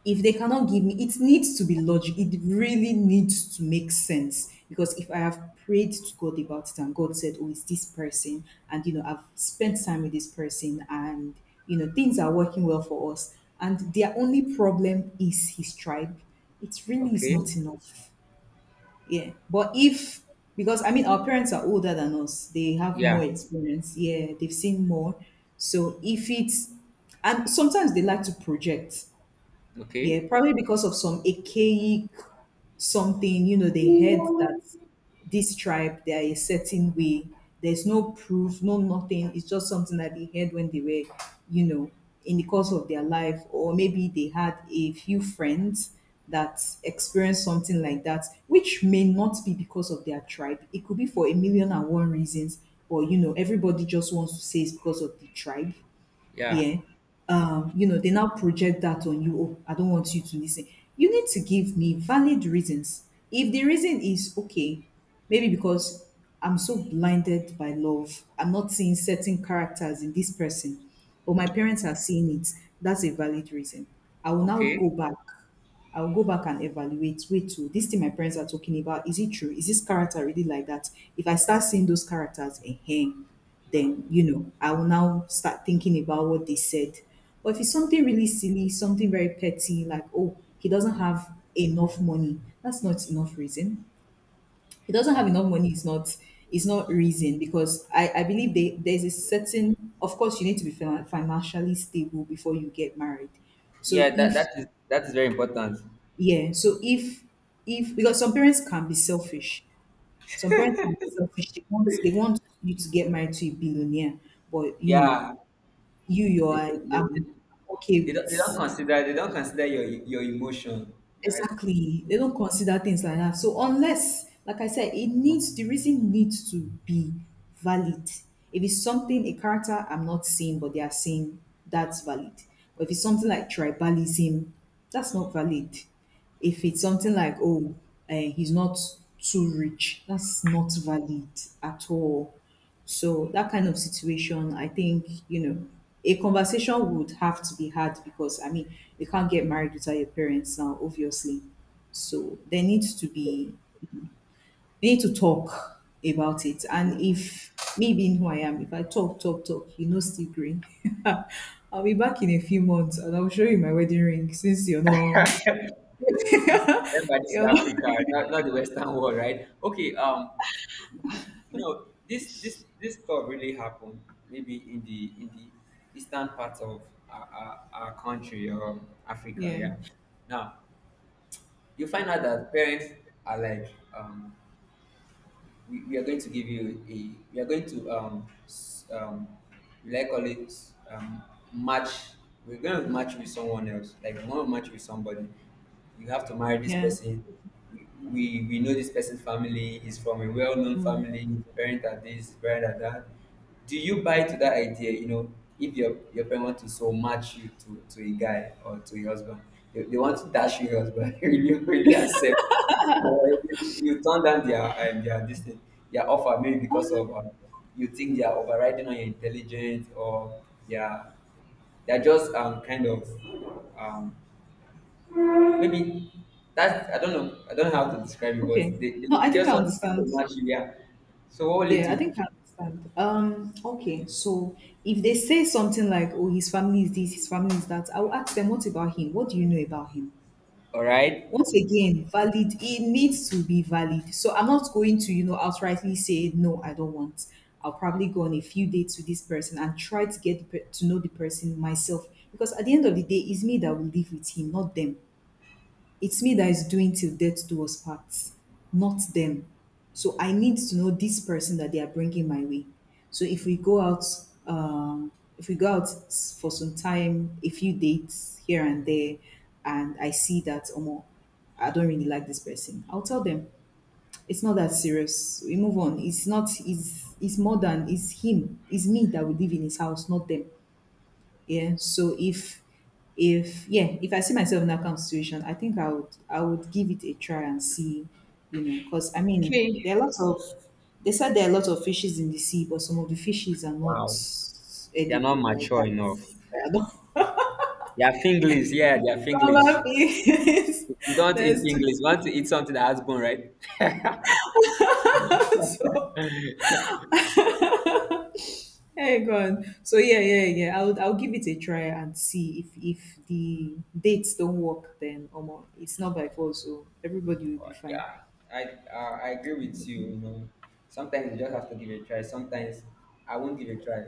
[SPEAKER 1] If they cannot give me, it needs to be logic, it really needs to make sense, because if I have prayed to God about it and God said, oh, it's this person, and you know, I've spent time with this person and, you know, things are working well for us, and their only problem is his tribe, it really is
[SPEAKER 2] Okay.
[SPEAKER 1] not enough. Yeah, but if, because I mean, our parents are older than us, they have more
[SPEAKER 2] Yeah.
[SPEAKER 1] experience, yeah, they've seen more. So if it's, and sometimes they like to project,
[SPEAKER 2] Okay.
[SPEAKER 1] yeah, probably because of some archaic something, you know, they heard that this tribe, they are a certain way. There's no proof, no nothing. It's just something that they heard when they were, you know, in the course of their life. Or maybe they had a few friends that experienced something like that, which may not be because of their tribe. It could be for a million and one reasons. Or, you know, everybody just wants to say it's because of the tribe,
[SPEAKER 2] Yeah.
[SPEAKER 1] yeah, you know, they now project that on you. Oh, I don't want you to listen. You need to give me valid reasons. If the reason is okay, maybe because I'm so blinded by love, I'm not seeing certain characters in this person, but my parents are seeing it, that's a valid reason. I will now go
[SPEAKER 2] Okay.
[SPEAKER 1] back I will go back and evaluate. Wait, too, this thing my parents are talking about, is it true? Is this character really like that? If I start seeing those characters, ahem, then, you know, I will now start thinking about what they said. But if it's something really silly, something very petty, like, oh, he doesn't have enough money, that's not enough reason. He doesn't have enough money, is not. Is not reason, because I believe they, there's a certain, of course, you need to be financially stable before you get married. So
[SPEAKER 2] Yeah. That
[SPEAKER 1] if,
[SPEAKER 2] that is that is very important.
[SPEAKER 1] yeah, so if because some parents can be selfish. Some parents can be selfish. They want you to get married to a billionaire, but you know,
[SPEAKER 2] Yeah.
[SPEAKER 1] you
[SPEAKER 2] They, they,
[SPEAKER 1] are
[SPEAKER 2] they,
[SPEAKER 1] okay with,
[SPEAKER 2] they don't consider your emotion, right?
[SPEAKER 1] exactly. They don't consider things like that. So unless, like I said, it needs, the reason needs to be valid. If it's something, a character I'm not seeing, but they are seeing, that's valid. But if it's something like tribalism, that's not valid. If it's something like, oh, he's not too rich, that's not valid at all. So that kind of situation, I think, you know, a conversation would have to be had, because I mean, you can't get married without your parents now, obviously. So there needs to be, we need to talk about it. And if me being who I am, if I you know, still green. I'll be back in a few months and I'll show you my wedding ring since you're not
[SPEAKER 2] This- Remember, this is
[SPEAKER 1] you're not.
[SPEAKER 2] Africa, not the Western world, right? Okay. You know this this stuff really happened, maybe in the eastern part of our country, Africa.
[SPEAKER 1] Yeah,
[SPEAKER 2] Yeah. Now you find out that parents are like, we are going to give you a, we are going to s- we like call it, um match. We're going to match with someone else, like, we want to match with somebody. You have to marry this
[SPEAKER 1] yeah.
[SPEAKER 2] person. We know this person's family. He's from a well-known family. His parents are this, his parents are that. Do you buy to that idea, you know? If your parents want to so match you to a guy or to a husband, they want to dash you your husband, really, really accept? You turn down their this thing, their offer, maybe because of, you think they are overriding on your intelligence, or they are they are just, kind of, um maybe, that's, I don't know how to describe it, but
[SPEAKER 1] Okay.
[SPEAKER 2] they, they,
[SPEAKER 1] No, I
[SPEAKER 2] they
[SPEAKER 1] think I
[SPEAKER 2] just want to so
[SPEAKER 1] understand.
[SPEAKER 2] much, yeah. So what will you
[SPEAKER 1] Yeah, I
[SPEAKER 2] do?
[SPEAKER 1] think I understand. Okay. So if they say something like, "Oh, his family is this, his family is that," I will ask them, "What about him? What do you know about him?"
[SPEAKER 2] All right.
[SPEAKER 1] Once again, valid. It needs to be valid. So I'm not going to, you know, outrightly say no. I don't want. I'll probably go on a few dates with this person and try to get the to know the person myself, because at the end of the day, it's me that will live with him, not them. It's me that is doing till death do us part, not them. So I need to know this person that they are bringing my way. So if we go out, um, if we go out for some time, a few dates here and there, and I see that, Omo, I don't really like this person, I'll tell them it's not that serious. We move on. It's not. It's more than, it's him. It's me that will live in his house, not them. Yeah. So if yeah, if I see myself in that kind of situation, I think I would give it a try and see, you know, because I mean,
[SPEAKER 2] Okay.
[SPEAKER 1] there are lots of, they said there are a lot of fishes in the sea, but some of the fishes are
[SPEAKER 2] Wow.
[SPEAKER 1] not
[SPEAKER 2] They are not
[SPEAKER 1] edible like
[SPEAKER 2] mature
[SPEAKER 1] that.
[SPEAKER 2] enough.
[SPEAKER 1] They are not
[SPEAKER 2] They are finglish. Yeah, they are
[SPEAKER 1] some
[SPEAKER 2] finglish.
[SPEAKER 1] are fish.
[SPEAKER 2] You don't eat
[SPEAKER 1] There's
[SPEAKER 2] finglish. You want to eat something that has bone, right?
[SPEAKER 1] so Hey God. So yeah, yeah, yeah. I'll give it a try and see if the dates don't work, then Omo, it's not by fault, so everybody will be fine.
[SPEAKER 2] Yeah. i I agree with you. You know, sometimes you just have to give it a try. Sometimes I won't give it a try.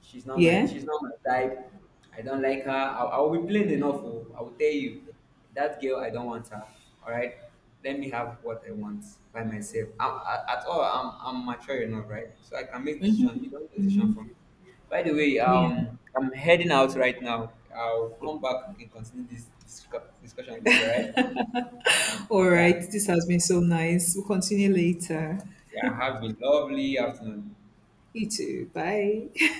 [SPEAKER 1] Yeah?
[SPEAKER 2] She's not my type. I don't like her. I will be plain enough. Oh, I will tell you, that girl, I don't want her. All right. Let me have what I want by myself. I'm, I, at all I'm mature enough, right? So I can make decision. You don't make decision for
[SPEAKER 1] Mhm.
[SPEAKER 2] me. By the way,
[SPEAKER 1] Yeah.
[SPEAKER 2] I'm heading out right now. I'll come back and continue this discussion with you. All right.
[SPEAKER 1] All
[SPEAKER 2] Yeah.
[SPEAKER 1] right. This has been so nice. We'll continue later.
[SPEAKER 2] Yeah, have a lovely afternoon.
[SPEAKER 1] You too. Bye.